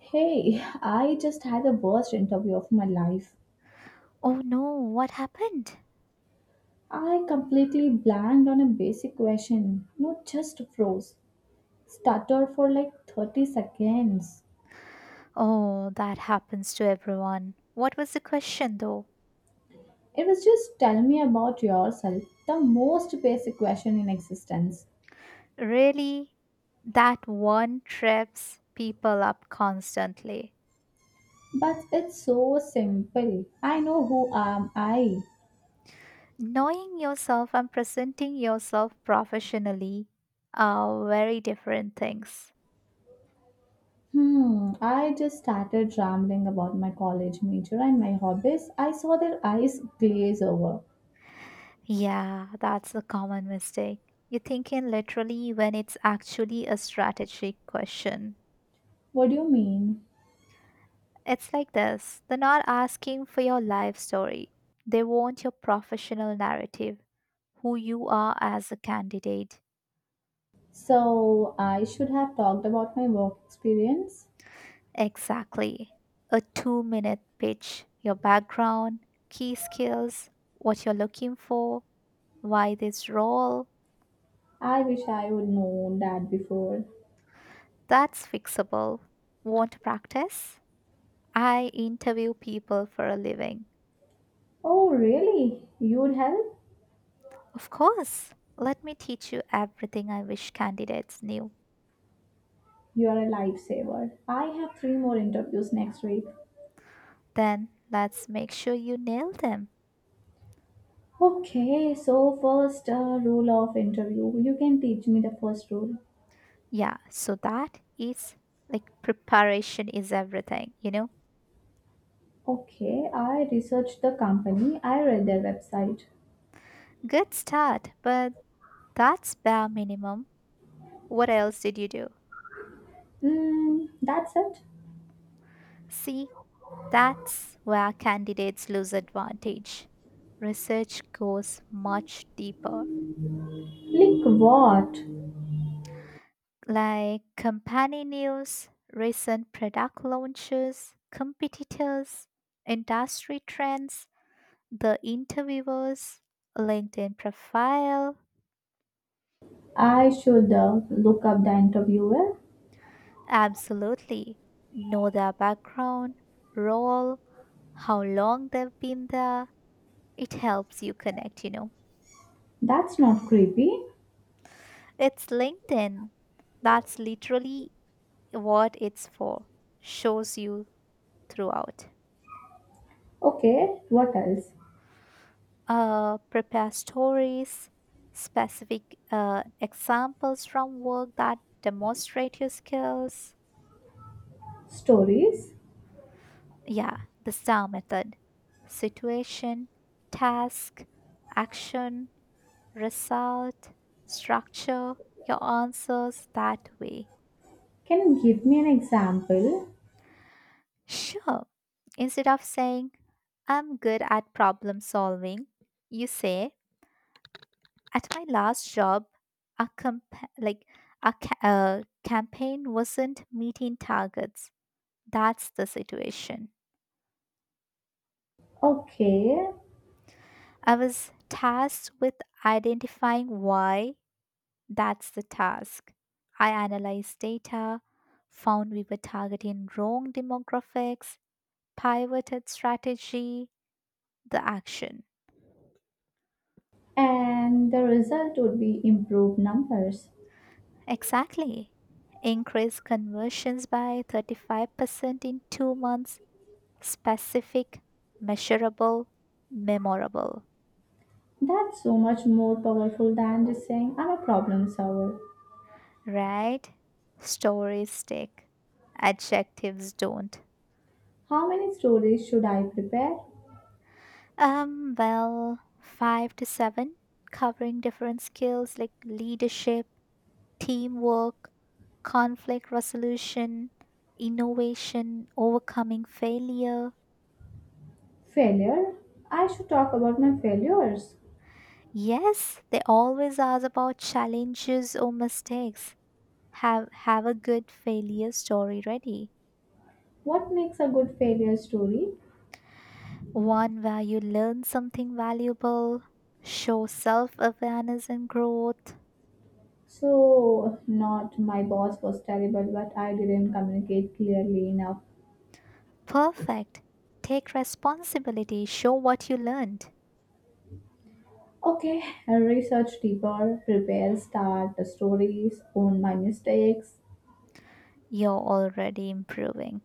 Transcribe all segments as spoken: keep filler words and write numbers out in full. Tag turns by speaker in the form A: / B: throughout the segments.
A: Hey, I just had the worst interview of my life.
B: Oh no, what happened?
A: I completely blanked on a basic question. No, just froze. Stuttered for like thirty seconds.
B: Oh, that happens to everyone. What was the question though?
A: It was just tell me about yourself, the most basic question in existence.
B: Really? That one trips people up constantly.
A: But it's so simple. I know who am I.
B: Knowing yourself and presenting yourself professionally are very different things.
A: Hmm, I just started rambling about my college major and my hobbies. I saw their eyes glaze over.
B: Yeah, that's a common mistake. You're thinking literally when it's actually a strategic question.
A: What do you mean?
B: It's like this, they're not asking for your life story, they want your professional narrative, who you are as a candidate.
A: So I should have talked about my work experience.
B: Exactly. A two minute pitch, your background, key skills, what you're looking for, why this role.
A: I wish I would known that before.
B: That's fixable. Want to practice? I interview people for a living.
A: Oh, really? You'd help?
B: Of course. Let me teach you everything I wish candidates knew.
A: You're a lifesaver. I have three more interviews next week.
B: Then let's make sure you nail them.
A: Okay, so first uh, rule of interview. You can teach me the first rule.
B: Yeah, so that is like preparation is everything, you know?
A: Okay, I researched the company. I read their website.
B: Good start, but that's bare minimum. What else did you do?
A: Mm, that's it.
B: See, that's where candidates lose advantage. Research goes much deeper,
A: Like what?
B: like company news, recent product launches, competitors, industry trends, the interviewers, LinkedIn profile.
A: I should uh, look up the interviewer.
B: Absolutely. Know their background, role, how long they've been there. It helps you connect, you know.
A: That's not creepy.
B: It's LinkedIn. That's literally what it's for. Shows you throughout.
A: Okay, what else?
B: Uh, prepare stories, specific uh, examples from work that demonstrate your skills.
A: Stories?
B: Yeah, the STAR method: situation, task, action, result. Structure your answers that way.
A: Can you give me an example?
B: Sure, instead of saying, I'm good at problem solving, you say, at my last job, a compa- like a ca- uh, campaign wasn't meeting targets. That's the situation.
A: Okay,
B: I was tasked with identifying why — that's the task. I analyzed data, found we were targeting wrong demographics, pivoted strategy — the action.
A: and the result would be improved numbers.
B: Exactly. Increase conversions by thirty-five percent in two months: specific, measurable, memorable.
A: That's so much more powerful than just saying I'm a problem solver.
B: Right? Stories stick. Adjectives don't.
A: How many stories should I prepare?
B: Um, well, five to seven, covering different skills like leadership, teamwork, conflict resolution, innovation, overcoming failure.
A: Failure? I should talk about my failures.
B: Yes, they always ask about challenges or mistakes. Have have a good failure story ready.
A: What makes a good failure story?
B: One where you learn something valuable, show self-awareness and growth.
A: So, not my boss was terrible, but I didn't communicate clearly enough.
B: Perfect. Take responsibility, show what you learned.
A: Okay, research deeper, prepare start the stories, own my mistakes.
B: You're already improving.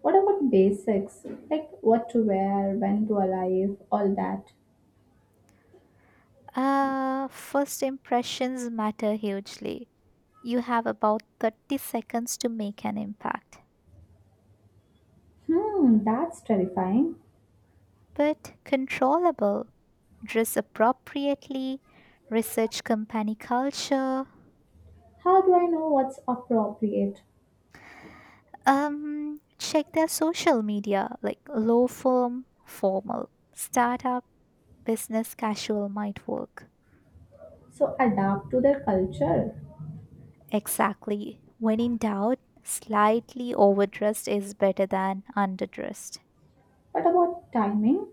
A: What about basics? Like what to wear, when to arrive, all that.
B: Uh, first impressions matter hugely. You have about thirty seconds to make an impact.
A: Hmm, that's terrifying.
B: But controllable. Dress appropriately, research company culture,
A: How do I know what's appropriate?
B: um, check their social media, like low firm, formal, startup, business casual might work.
A: So adapt to their culture.
B: Exactly. When in doubt, slightly overdressed is better than underdressed.
A: What about timing?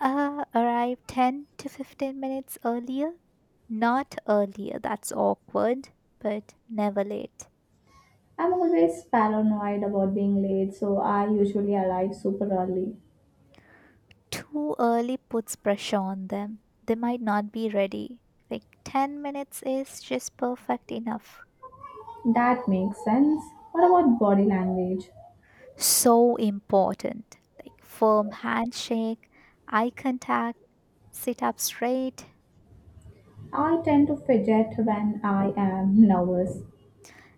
B: Uh, arrive ten to fifteen minutes earlier. Not earlier, that's awkward, but never late.
A: I'm always paranoid about being late, so I usually arrive super early.
B: Too early puts pressure on them. They might not be ready. Like ten minutes is just perfect enough.
A: That makes sense. What about body language?
B: So important. Like firm handshake, eye contact, sit up straight.
A: I tend to fidget when I am nervous.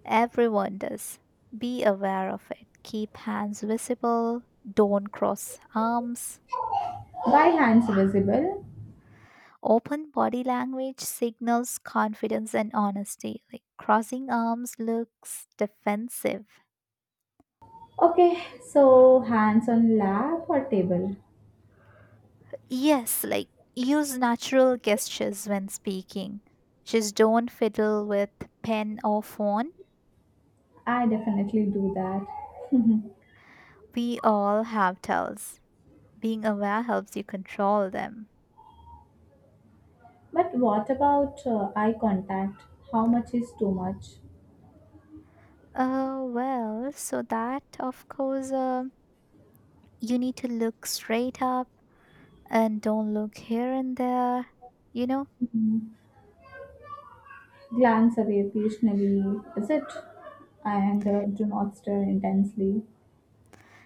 B: Everyone does. Be aware of it. Keep hands visible. Don't cross arms.
A: By hands visible.
B: Open body language signals confidence and honesty. Like crossing arms looks defensive.
A: Okay, so hands on lap or table.
B: Yes, like use natural gestures when speaking. Just don't fiddle with pen or phone.
A: I definitely do that.
B: We all have tells. Being aware helps you control them.
A: But what about uh, eye contact? How much is too much?
B: Uh, well, so that, of course, uh, you need to look straight up and don't look here and there, you know?
A: Mhm. Glance away occasionally, is it? And uh, do not stare intensely.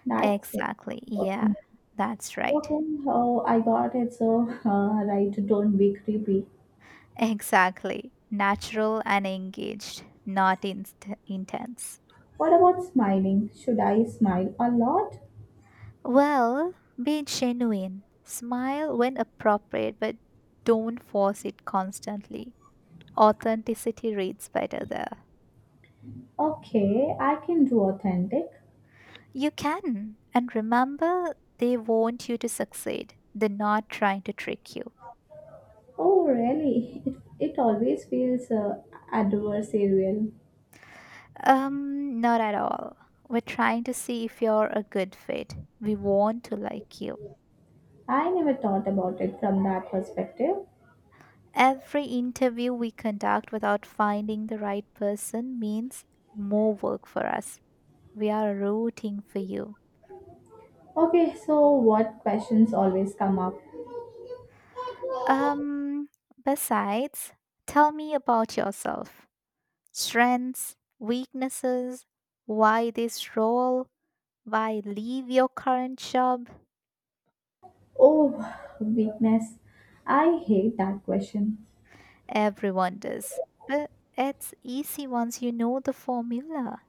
A: That's uh,
B: Exactly.
A: what to
B: Yeah,
A: me.
B: that's right.
A: Okay, oh, I got it. So, uh, right, don't be creepy.
B: Exactly. Natural and engaged, not inst- intense.
A: What about smiling? Should I smile a lot?
B: Well, be genuine. Smile when appropriate, but don't force it constantly. Authenticity reads better there.
A: Okay, I can do authentic.
B: You can. And remember, they want you to succeed. They're not trying to trick you.
A: Oh, really? It, it always feels uh, adversarial.
B: Um, not at all. We're trying to see if you're a good fit. We want to like you.
A: I never thought about it from that perspective.
B: Every interview we conduct without finding the right person means more work for us. We are rooting for you.
A: Okay, so what questions always come up?
B: Um, Besides, tell me about yourself. Strengths, weaknesses, why this role, why leave your current job?
A: Oh, weakness. I hate that question.
B: Everyone does. But it's easy once you know the formula.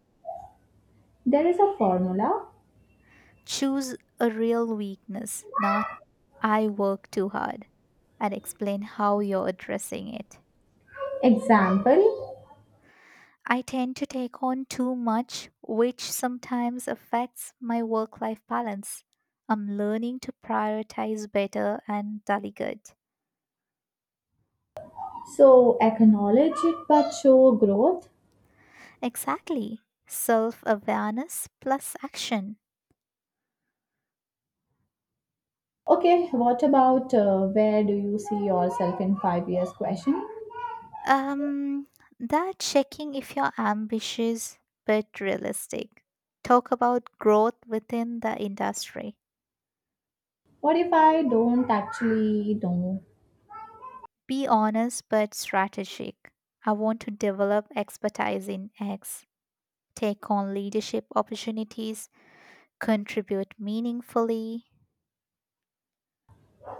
A: There is a formula.
B: Choose a real weakness, not "I work too hard," and explain how you're addressing it.
A: Example.
B: I tend to take on too much, which sometimes affects my work life balance. I'm learning to prioritize better and delegate.
A: So acknowledge it but show growth.
B: Exactly. Self awareness plus action.
A: Okay, what about uh, where do you see yourself in five years question?
B: Um, that checking if you're ambitious but realistic. Talk about growth within the industry.
A: What if I don't actually know?
B: Be honest but strategic. I want to develop expertise in X, take on leadership opportunities, contribute meaningfully.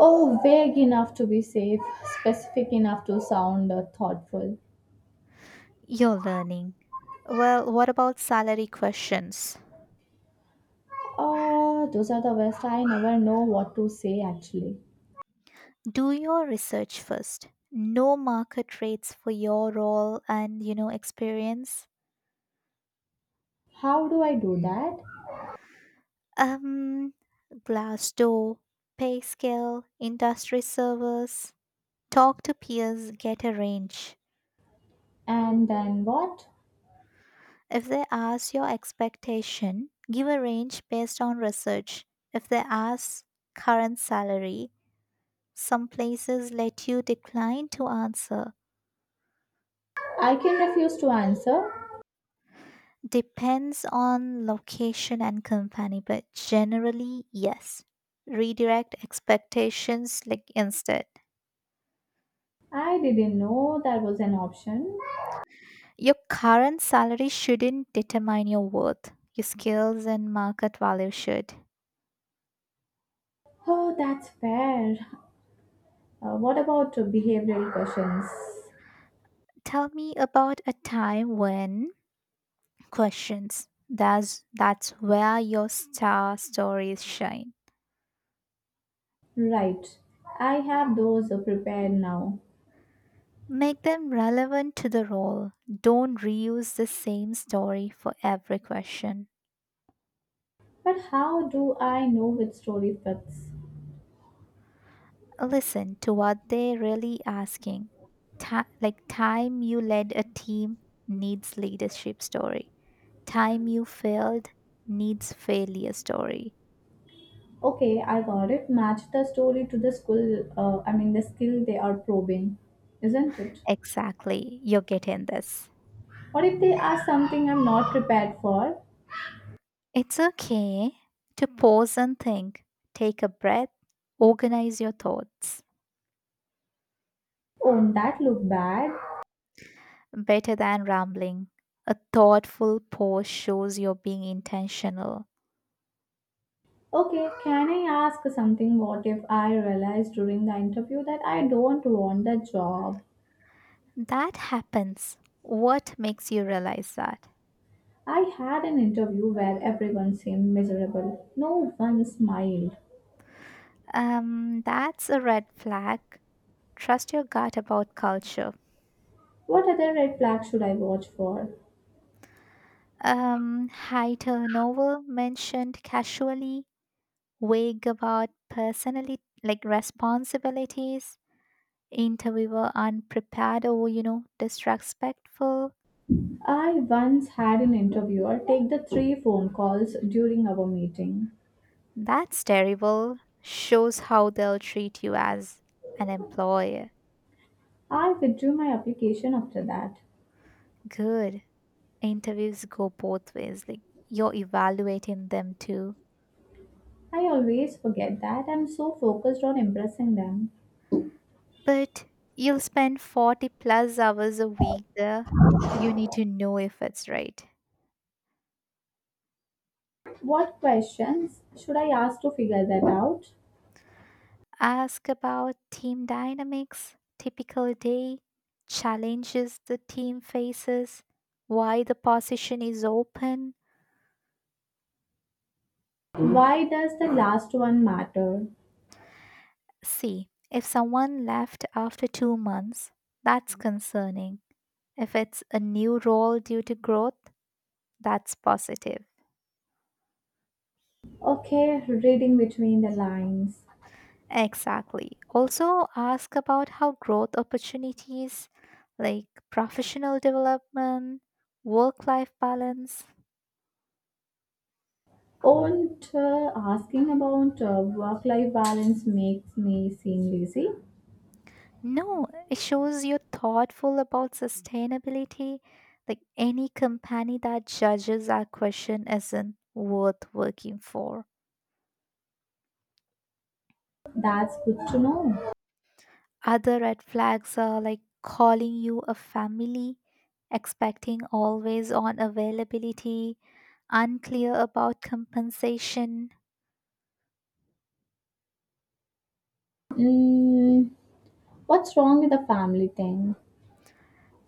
A: Oh, vague enough to be safe, specific enough to sound uh, thoughtful.
B: Your learning. Well, what about salary questions?
A: Ah, those are the best. I never know what to say actually.
B: Do your research first. Know market rates for your role and you know experience.
A: How do I do that?
B: Um, Glassdoor, pay scale, industry servers. Talk to peers, get a range.
A: And then what?
B: If they ask your expectation, give a range based on research. If they ask current salary, some places let you decline to answer.
A: I can refuse to answer.
B: Depends on location and company, but generally, yes. Redirect expectations like instead.
A: I didn't know that was an option.
B: Your current salary shouldn't determine your worth. Your skills and market value should.
A: Oh, that's fair. Uh, what about uh, behavioral questions?
B: Tell me about a time when questions. That's that's where your star stories shine.
A: Right. I have those uh, prepared now.
B: Make them relevant to the role. Don't reuse the same story for every question.
A: But how do I know which story fits?
B: Listen to what they're really asking. Ti- like time you led a team needs leadership story. Time you failed needs failure story.
A: Okay, I got it. Match the story to the skill, uh, I mean, the skill they are probing, isn't it?
B: Exactly. You're getting this.
A: What if they ask something I'm not prepared for?
B: It's okay to pause and think. Take a breath. Organize your thoughts.
A: Won't that look bad?
B: Better than rambling. A thoughtful pause shows you're being intentional.
A: Okay, can I ask something? What if I realized during the interview that I don't want the job?
B: That happens. What makes you realize that?
A: I had an interview where everyone seemed miserable. No one smiled.
B: Um, that's a red flag. Trust your gut about culture.
A: What other red flag should I watch for?
B: Um, high turnover mentioned casually, vague about personally like responsibilities, interviewer unprepared or you know disrespectful.
A: I once had an interviewer take the three phone calls during our meeting.
B: That's terrible. Shows how they'll treat you as an employer.
A: I withdrew my application after that.
B: Good. Interviews go both ways. Like you're evaluating them too.
A: I always forget that I'm so focused on impressing them.
B: But you'll spend forty plus hours a week there. You need to know if it's right.
A: What questions should I ask to figure that out?
B: Ask about team dynamics, typical day, challenges the team faces, why the position is open.
A: Why does the last one matter?
B: See, if someone left after two months, that's concerning. If it's a new role due to growth, that's positive.
A: Okay, reading between the lines.
B: Exactly. Also, ask about how growth opportunities like professional development, work life balance.
A: Won't uh, asking about uh, work life balance makes me seem lazy?
B: No, it shows you're thoughtful about sustainability. Like any company that judges our question isn't worth working for.
A: That's good to know.
B: Other red flags are like calling you a family, expecting always on availability, unclear about compensation.
A: Mm, what's wrong with the family thing?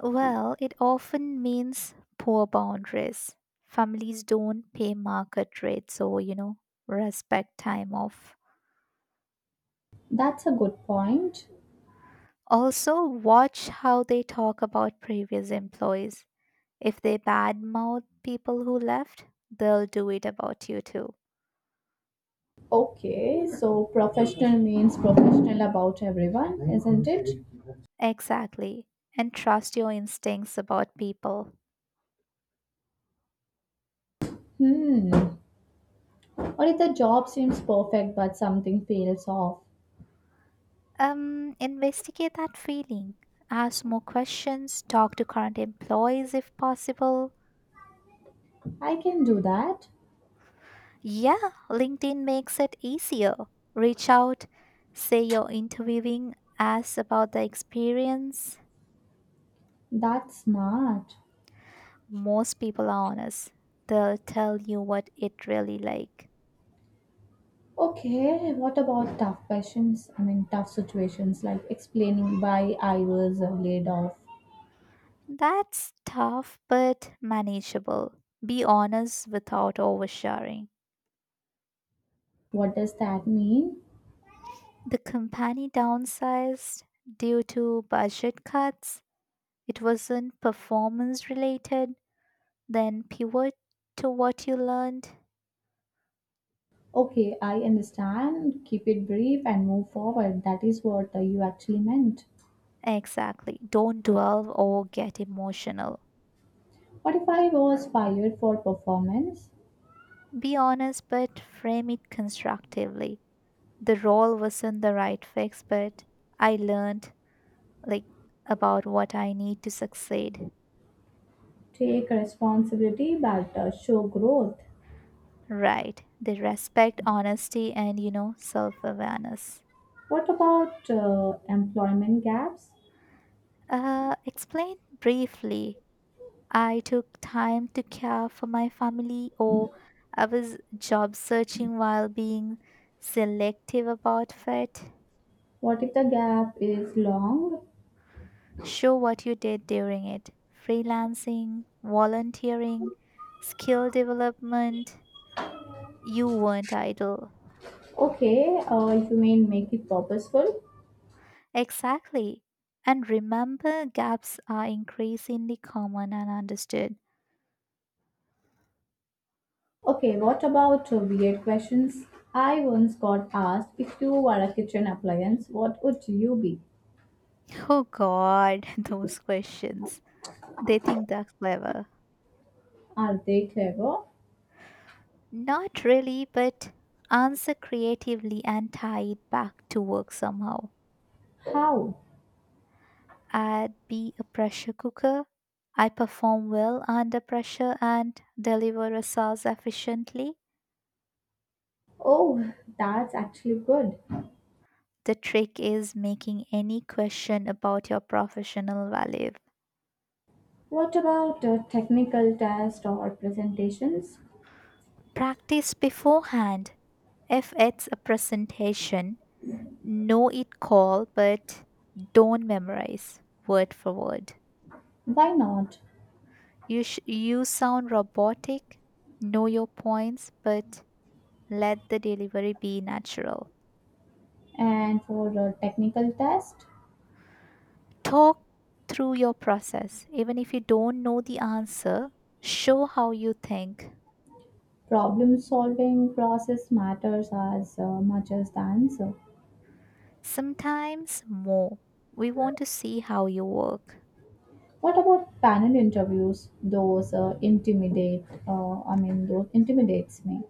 B: Well, it often means poor boundaries. Families don't pay market rates, so you know, respect time off.
A: That's a good point.
B: Also, watch how they talk about previous employees. If they badmouth people who left, they'll do it about you too.
A: Okay, so professional means professional about everyone, isn't it?
B: Exactly. And trust your instincts about people.
A: Hmm. Or if the job seems perfect but something fails off.
B: Um, investigate that feeling. Ask more questions. Talk to current employees if possible.
A: I can do that.
B: Yeah, LinkedIn makes it easier. Reach out. Say you're interviewing. Ask about the experience.
A: That's smart.
B: Most people are honest. They'll tell you what it really like.
A: Okay, what about tough questions? I mean, tough situations like explaining why I was laid off.
B: That's tough but manageable. Be honest without oversharing.
A: What does that mean?
B: The company downsized due to budget cuts. It wasn't performance related. Then pivot to what you learned.
A: Okay, I understand. Keep it brief and move forward. That is what uh, you actually meant.
B: Exactly. Don't dwell or get emotional.
A: What if I was fired for performance?
B: Be honest, but frame it constructively. The role wasn't the right fix, but I learned, like, about what I need to succeed.
A: Take responsibility but uh, show growth.
B: Right. They respect honesty and you know self awareness.
A: What about uh, employment gaps?
B: Uh, explain briefly, I took time to care for my family, or I was job searching while being selective about fit.
A: What if the gap is long?
B: Show what you did during it: freelancing, volunteering, skill development. You weren't idle.
A: Okay, uh, you mean make it purposeful?
B: Exactly. And remember, gaps are increasingly common and understood.
A: Okay, what about uh, weird questions? I once got asked if you were a kitchen appliance, what would you be?
B: Oh God, those questions. They think they're clever.
A: Are they clever?
B: Not really, but answer creatively and tie it back to work somehow.
A: How?
B: I'd be a pressure cooker. I perform well under pressure and deliver results efficiently.
A: Oh, that's actually good.
B: The trick is making any question about your professional value.
A: What about uh, technical tests or presentations?
B: Practice beforehand. If it's a presentation, know it call, but don't memorize word for word.
A: Why not?
B: You, sh- you sound robotic. Know your points, but let the delivery be natural.
A: And for uh, technical test,
B: Talk through your process. Even if you don't know the answer, show how you think.
A: problem solving process matters as uh, much as the answer.
B: Sometimes more. We want to see how you work.
A: What about panel interviews? Those uh, intimidate, uh, I mean, those intimidates me.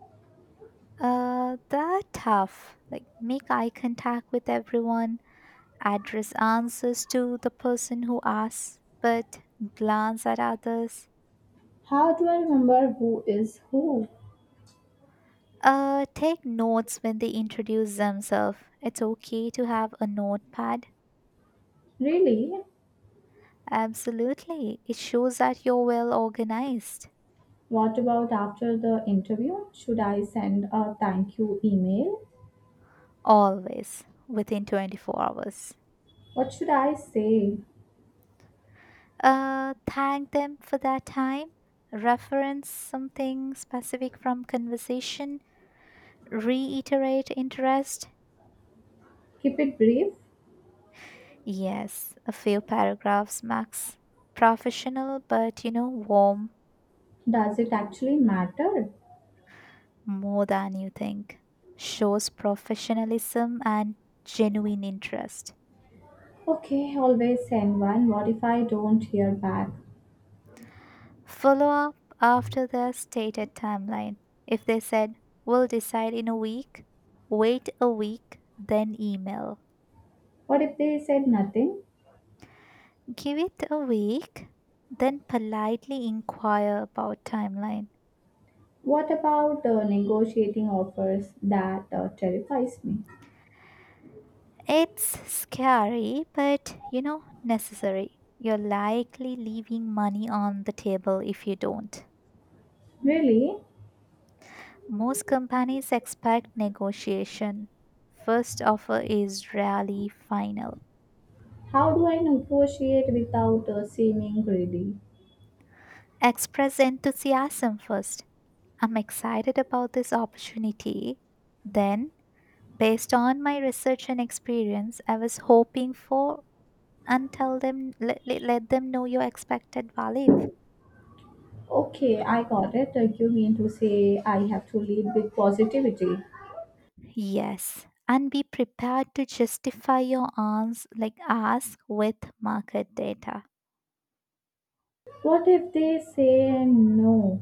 B: Uh, that tough. Like make eye contact with everyone, address answers to the person who asks, but glance at others.
A: How do I remember who is who?
B: Uh, take notes when they introduce themselves. It's okay to have a notepad.
A: Really?
B: Absolutely. It shows that you're well organized.
A: What about after the interview? Should I send a thank you email?
B: Always within twenty-four hours.
A: What should I say?
B: Uh, thank them for that time. Reference something specific from conversation. Reiterate interest.
A: Keep it brief?
B: Yes, a few paragraphs max. Professional, but you know, warm.
A: Does it actually matter?
B: More than you think, shows professionalism and genuine interest.
A: Okay, always send one. What if I don't hear back?
B: Follow up after the stated timeline. If they said, we'll decide in a week, wait a week, then email.
A: What if they said nothing?
B: Give it a week, then politely inquire about timeline.
A: What about uh, negotiating offers? That uh, terrifies me.
B: It's scary, but you know, necessary. You're likely leaving money on the table if you don't.
A: Really?
B: Most companies expect negotiation. First offer is rarely final.
A: How do I negotiate without uh, seeming greedy?
B: Express enthusiasm first. I'm excited about this opportunity. Then, based on my research and experience, I was hoping for, and tell them, let, let let them know your expected value.
A: Okay, I got it. Uh, you mean to say I have to lead with positivity?
B: Yes, and be prepared to justify your ans like ask with market data.
A: What if they say no?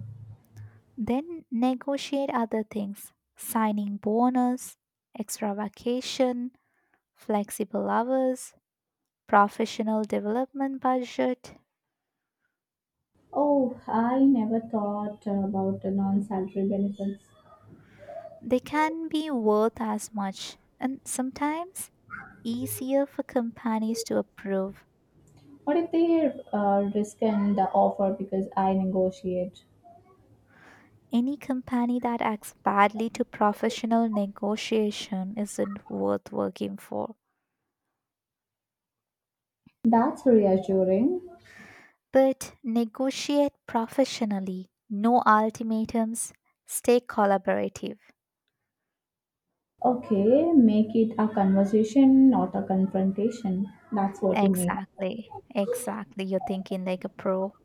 B: Then negotiate other things: signing bonus, extra vacation, flexible hours, professional development budget.
A: Oh, I never thought about the non salary benefits.
B: They can be worth as much and sometimes easier for companies to approve.
A: What if they uh, rescind the offer because I negotiate?
B: Any company that acts badly to professional negotiation isn't worth working for.
A: That's reassuring.
B: But negotiate professionally, no ultimatums, stay collaborative.
A: Okay, make it a conversation, not a confrontation. That's what you mean.
B: Exactly. Exactly. You're thinking like a pro.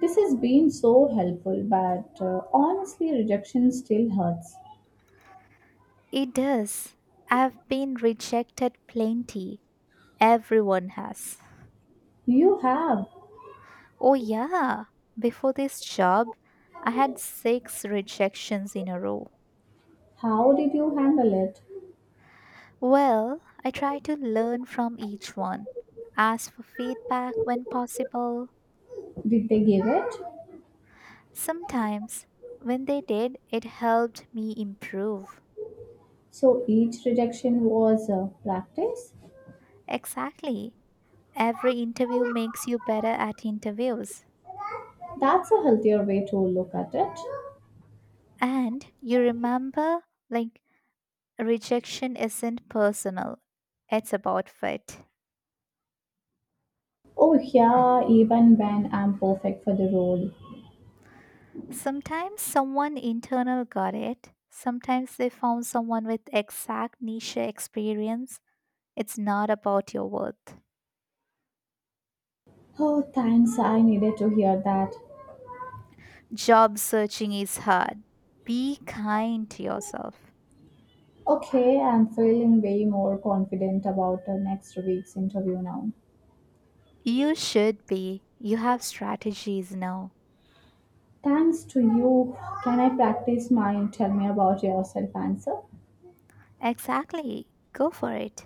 A: This has been so helpful, but uh, honestly, rejection still hurts.
B: It does. I've been rejected plenty. Everyone has.
A: You have.
B: Oh, yeah. Before this job, I had six rejections in a row.
A: How did you handle it?
B: Well, I try to learn from each one, ask for feedback when possible.
A: Did they give it?
B: Sometimes, when they did, it helped me improve.
A: So each rejection was a practice?
B: Exactly. Every interview makes you better at interviews.
A: That's a healthier way to look at it.
B: And you remember, like, rejection isn't personal, it's about fit.
A: Oh, yeah, even when I'm perfect for the role.
B: Sometimes someone internal got it, sometimes they found someone with exact niche experience. It's not about your worth.
A: Oh, thanks, I needed to hear that.
B: Job searching is hard. Be kind to yourself.
A: Okay, I'm feeling way more confident about the next week's interview now.
B: You should be. You have strategies now.
A: Thanks to you, can I practice my tell me about yourself answer?
B: Exactly. Go for it.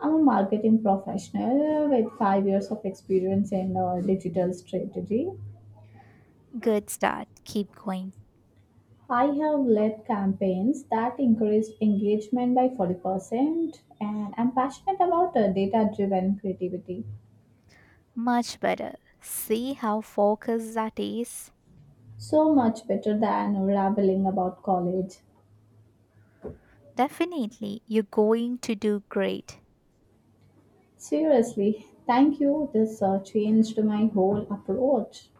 A: I'm a marketing professional with five years of experience in uh, digital strategy.
B: Good start. Keep going.
A: I have led campaigns that increased engagement by forty percent, and I'm passionate about uh, data driven creativity.
B: Much better. See how focused that is?
A: So much better than rambling about college.
B: Definitely, you're going to do great.
A: Seriously, thank you. This uh, changed my whole approach.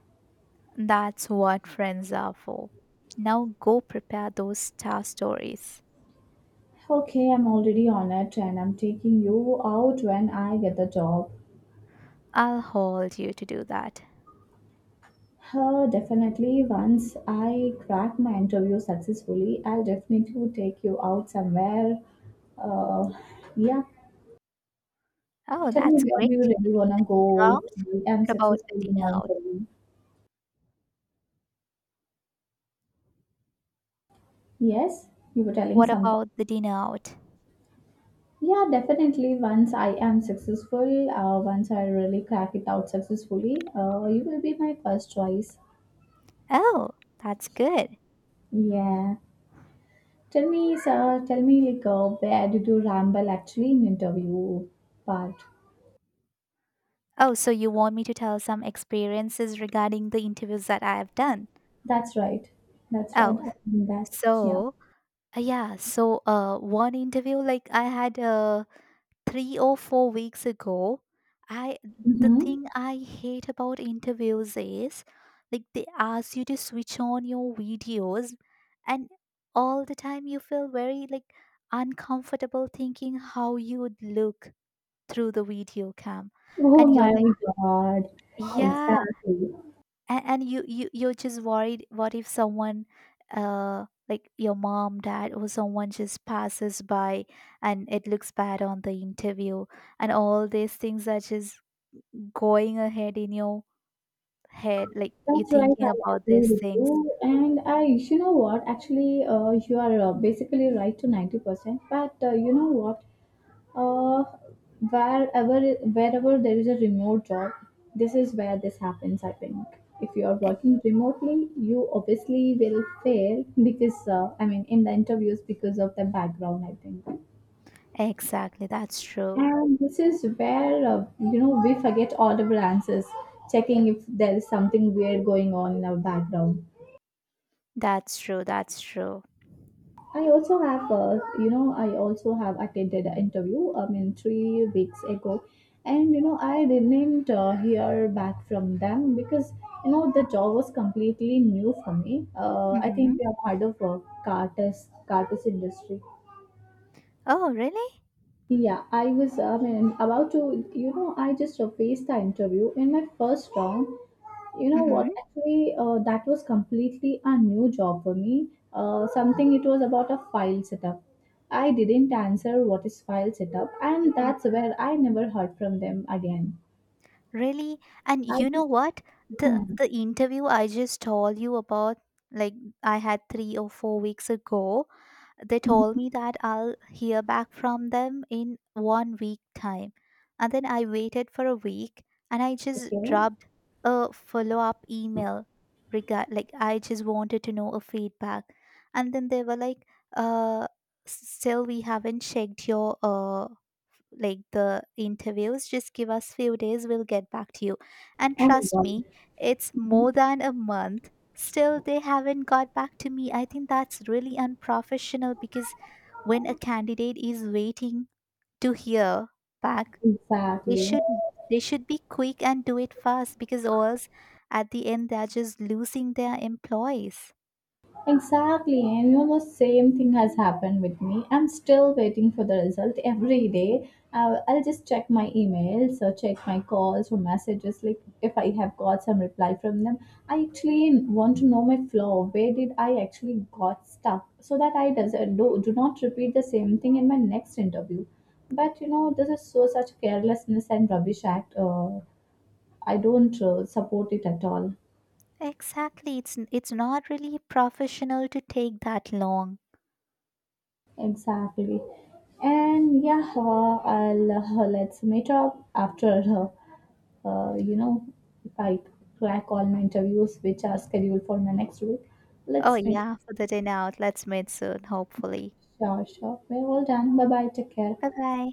B: That's what friends are for. Now go prepare those star stories.
A: Okay, I'm already on it and I'm taking you out when I get the job.
B: I'll hold you to do that.
A: Uh, definitely, once I crack my interview successfully, I'll definitely take you out somewhere. Uh, yeah,
B: Oh,
A: tell me
B: that's
A: where
B: great.
A: do you really want
B: Maybe a
A: to go
B: dinner
A: if
B: out?
A: I'm
B: What about a
A: successful in
B: dinner
A: my
B: out?
A: interview? Yes, you were telling
B: What
A: something.
B: about the dinner out?
A: Yeah, definitely. Once I am successful, uh, once I really crack it out successfully, uh, you will be my first choice.
B: Oh, that's good.
A: Yeah. Tell me, sir, tell me, like, uh, where did you ramble actually in interview part?
B: Oh, so you want me to tell some experiences regarding the interviews that I have done?
A: That's right. That's right.
B: Oh,
A: I mean that. Yeah.
B: so Uh, Yeah, so uh, one interview like I had uh, three or four weeks ago. I The
A: Mm-hmm.
B: thing I hate about interviews is like they ask you to switch on your videos, and all the time you feel very like uncomfortable thinking how you would look through the video cam,
A: Oh
B: and you're
A: my
B: like,
A: God.
B: yeah,
A: Exactly.
B: and, and you you you're just worried what if someone uh like your mom dad or someone just passes by and it looks bad on the interview, and all these things are just going ahead in your head, like you're
A: That's right.
B: thinking
A: I
B: about
A: agree
B: these
A: with
B: things.
A: you. And I, you know what? Actually, uh, you are uh, basically right to ninety percent. But uh, you know what? Uh, wherever wherever there is a remote job, this is where this happens. I think if you are
B: E-
A: working remotely, you obviously will fail because uh, I mean in the interviews because of the background. I think,
B: exactly. That's true,
A: and this is where uh, you know we forget all of answers, checking if there is something weird going on in our background.
B: that's true, that's true.
A: I also have, uh, you know, I also have attended an interview. I mean, three weeks ago, and you know, I didn't uh, hear back from them because you know the job was completely new for me. Uh, I think
B: Mm-hmm.
A: we have heard of uh, Carter's Carter's industry.
B: Oh really.
A: Yeah, I was I mean, about to, you know, I just faced the interview in my first round. You know
B: Mm-hmm.
A: what? Actually, uh, that was completely a new job for me. Uh, something it was about a file setup. I didn't answer what is file setup, and that's where I never heard from them again.
B: Really?
A: I
B: And you know
A: just,
B: what? The
A: hmm,
B: the interview I just told you about, like I had three or four weeks ago, they
A: mhm,
B: told me that I'll hear back from them in one week time. And then I waited for a week and I just
A: okay, oh
B: dropped a follow-up email, regard like I just wanted to know a feedback. And then they were like, uh, still we haven't checked your uh like the interviews, just give us few days, we'll get back to you. And
A: my
B: trust
A: God,
B: me, it's more than a month, still they haven't got back to me. I think that's really unprofessional, because when a candidate is waiting to hear back, they
A: exactly.
B: should they should be quick and do it fast, because or else at the end they're just losing their employees.
A: Exactly, and you know, the same thing has happened with me. I'm still waiting for the result every day. I'll, I'll just check my emails or check my calls or messages, like if I have got some reply from them. I actually want to know my flaw. Where did I actually got stuck so that I does, uh, do, do not repeat the same thing in my next interview. But you know, this is so such carelessness and rubbish act. Uh, I don't uh, support it at all.
B: Exactly, it's it's not really professional to take that long.
A: Exactly. And yeah, uh, I'll uh, let's meet up after uh, uh, you know, if I crack all my interviews which are scheduled for my next week.
B: Oh,
A: Let's meet.
B: yeah, for the dinner out. Let's meet soon, hopefully.
A: Sure, sure. We're all done. Bye bye. Take care.
B: Bye bye.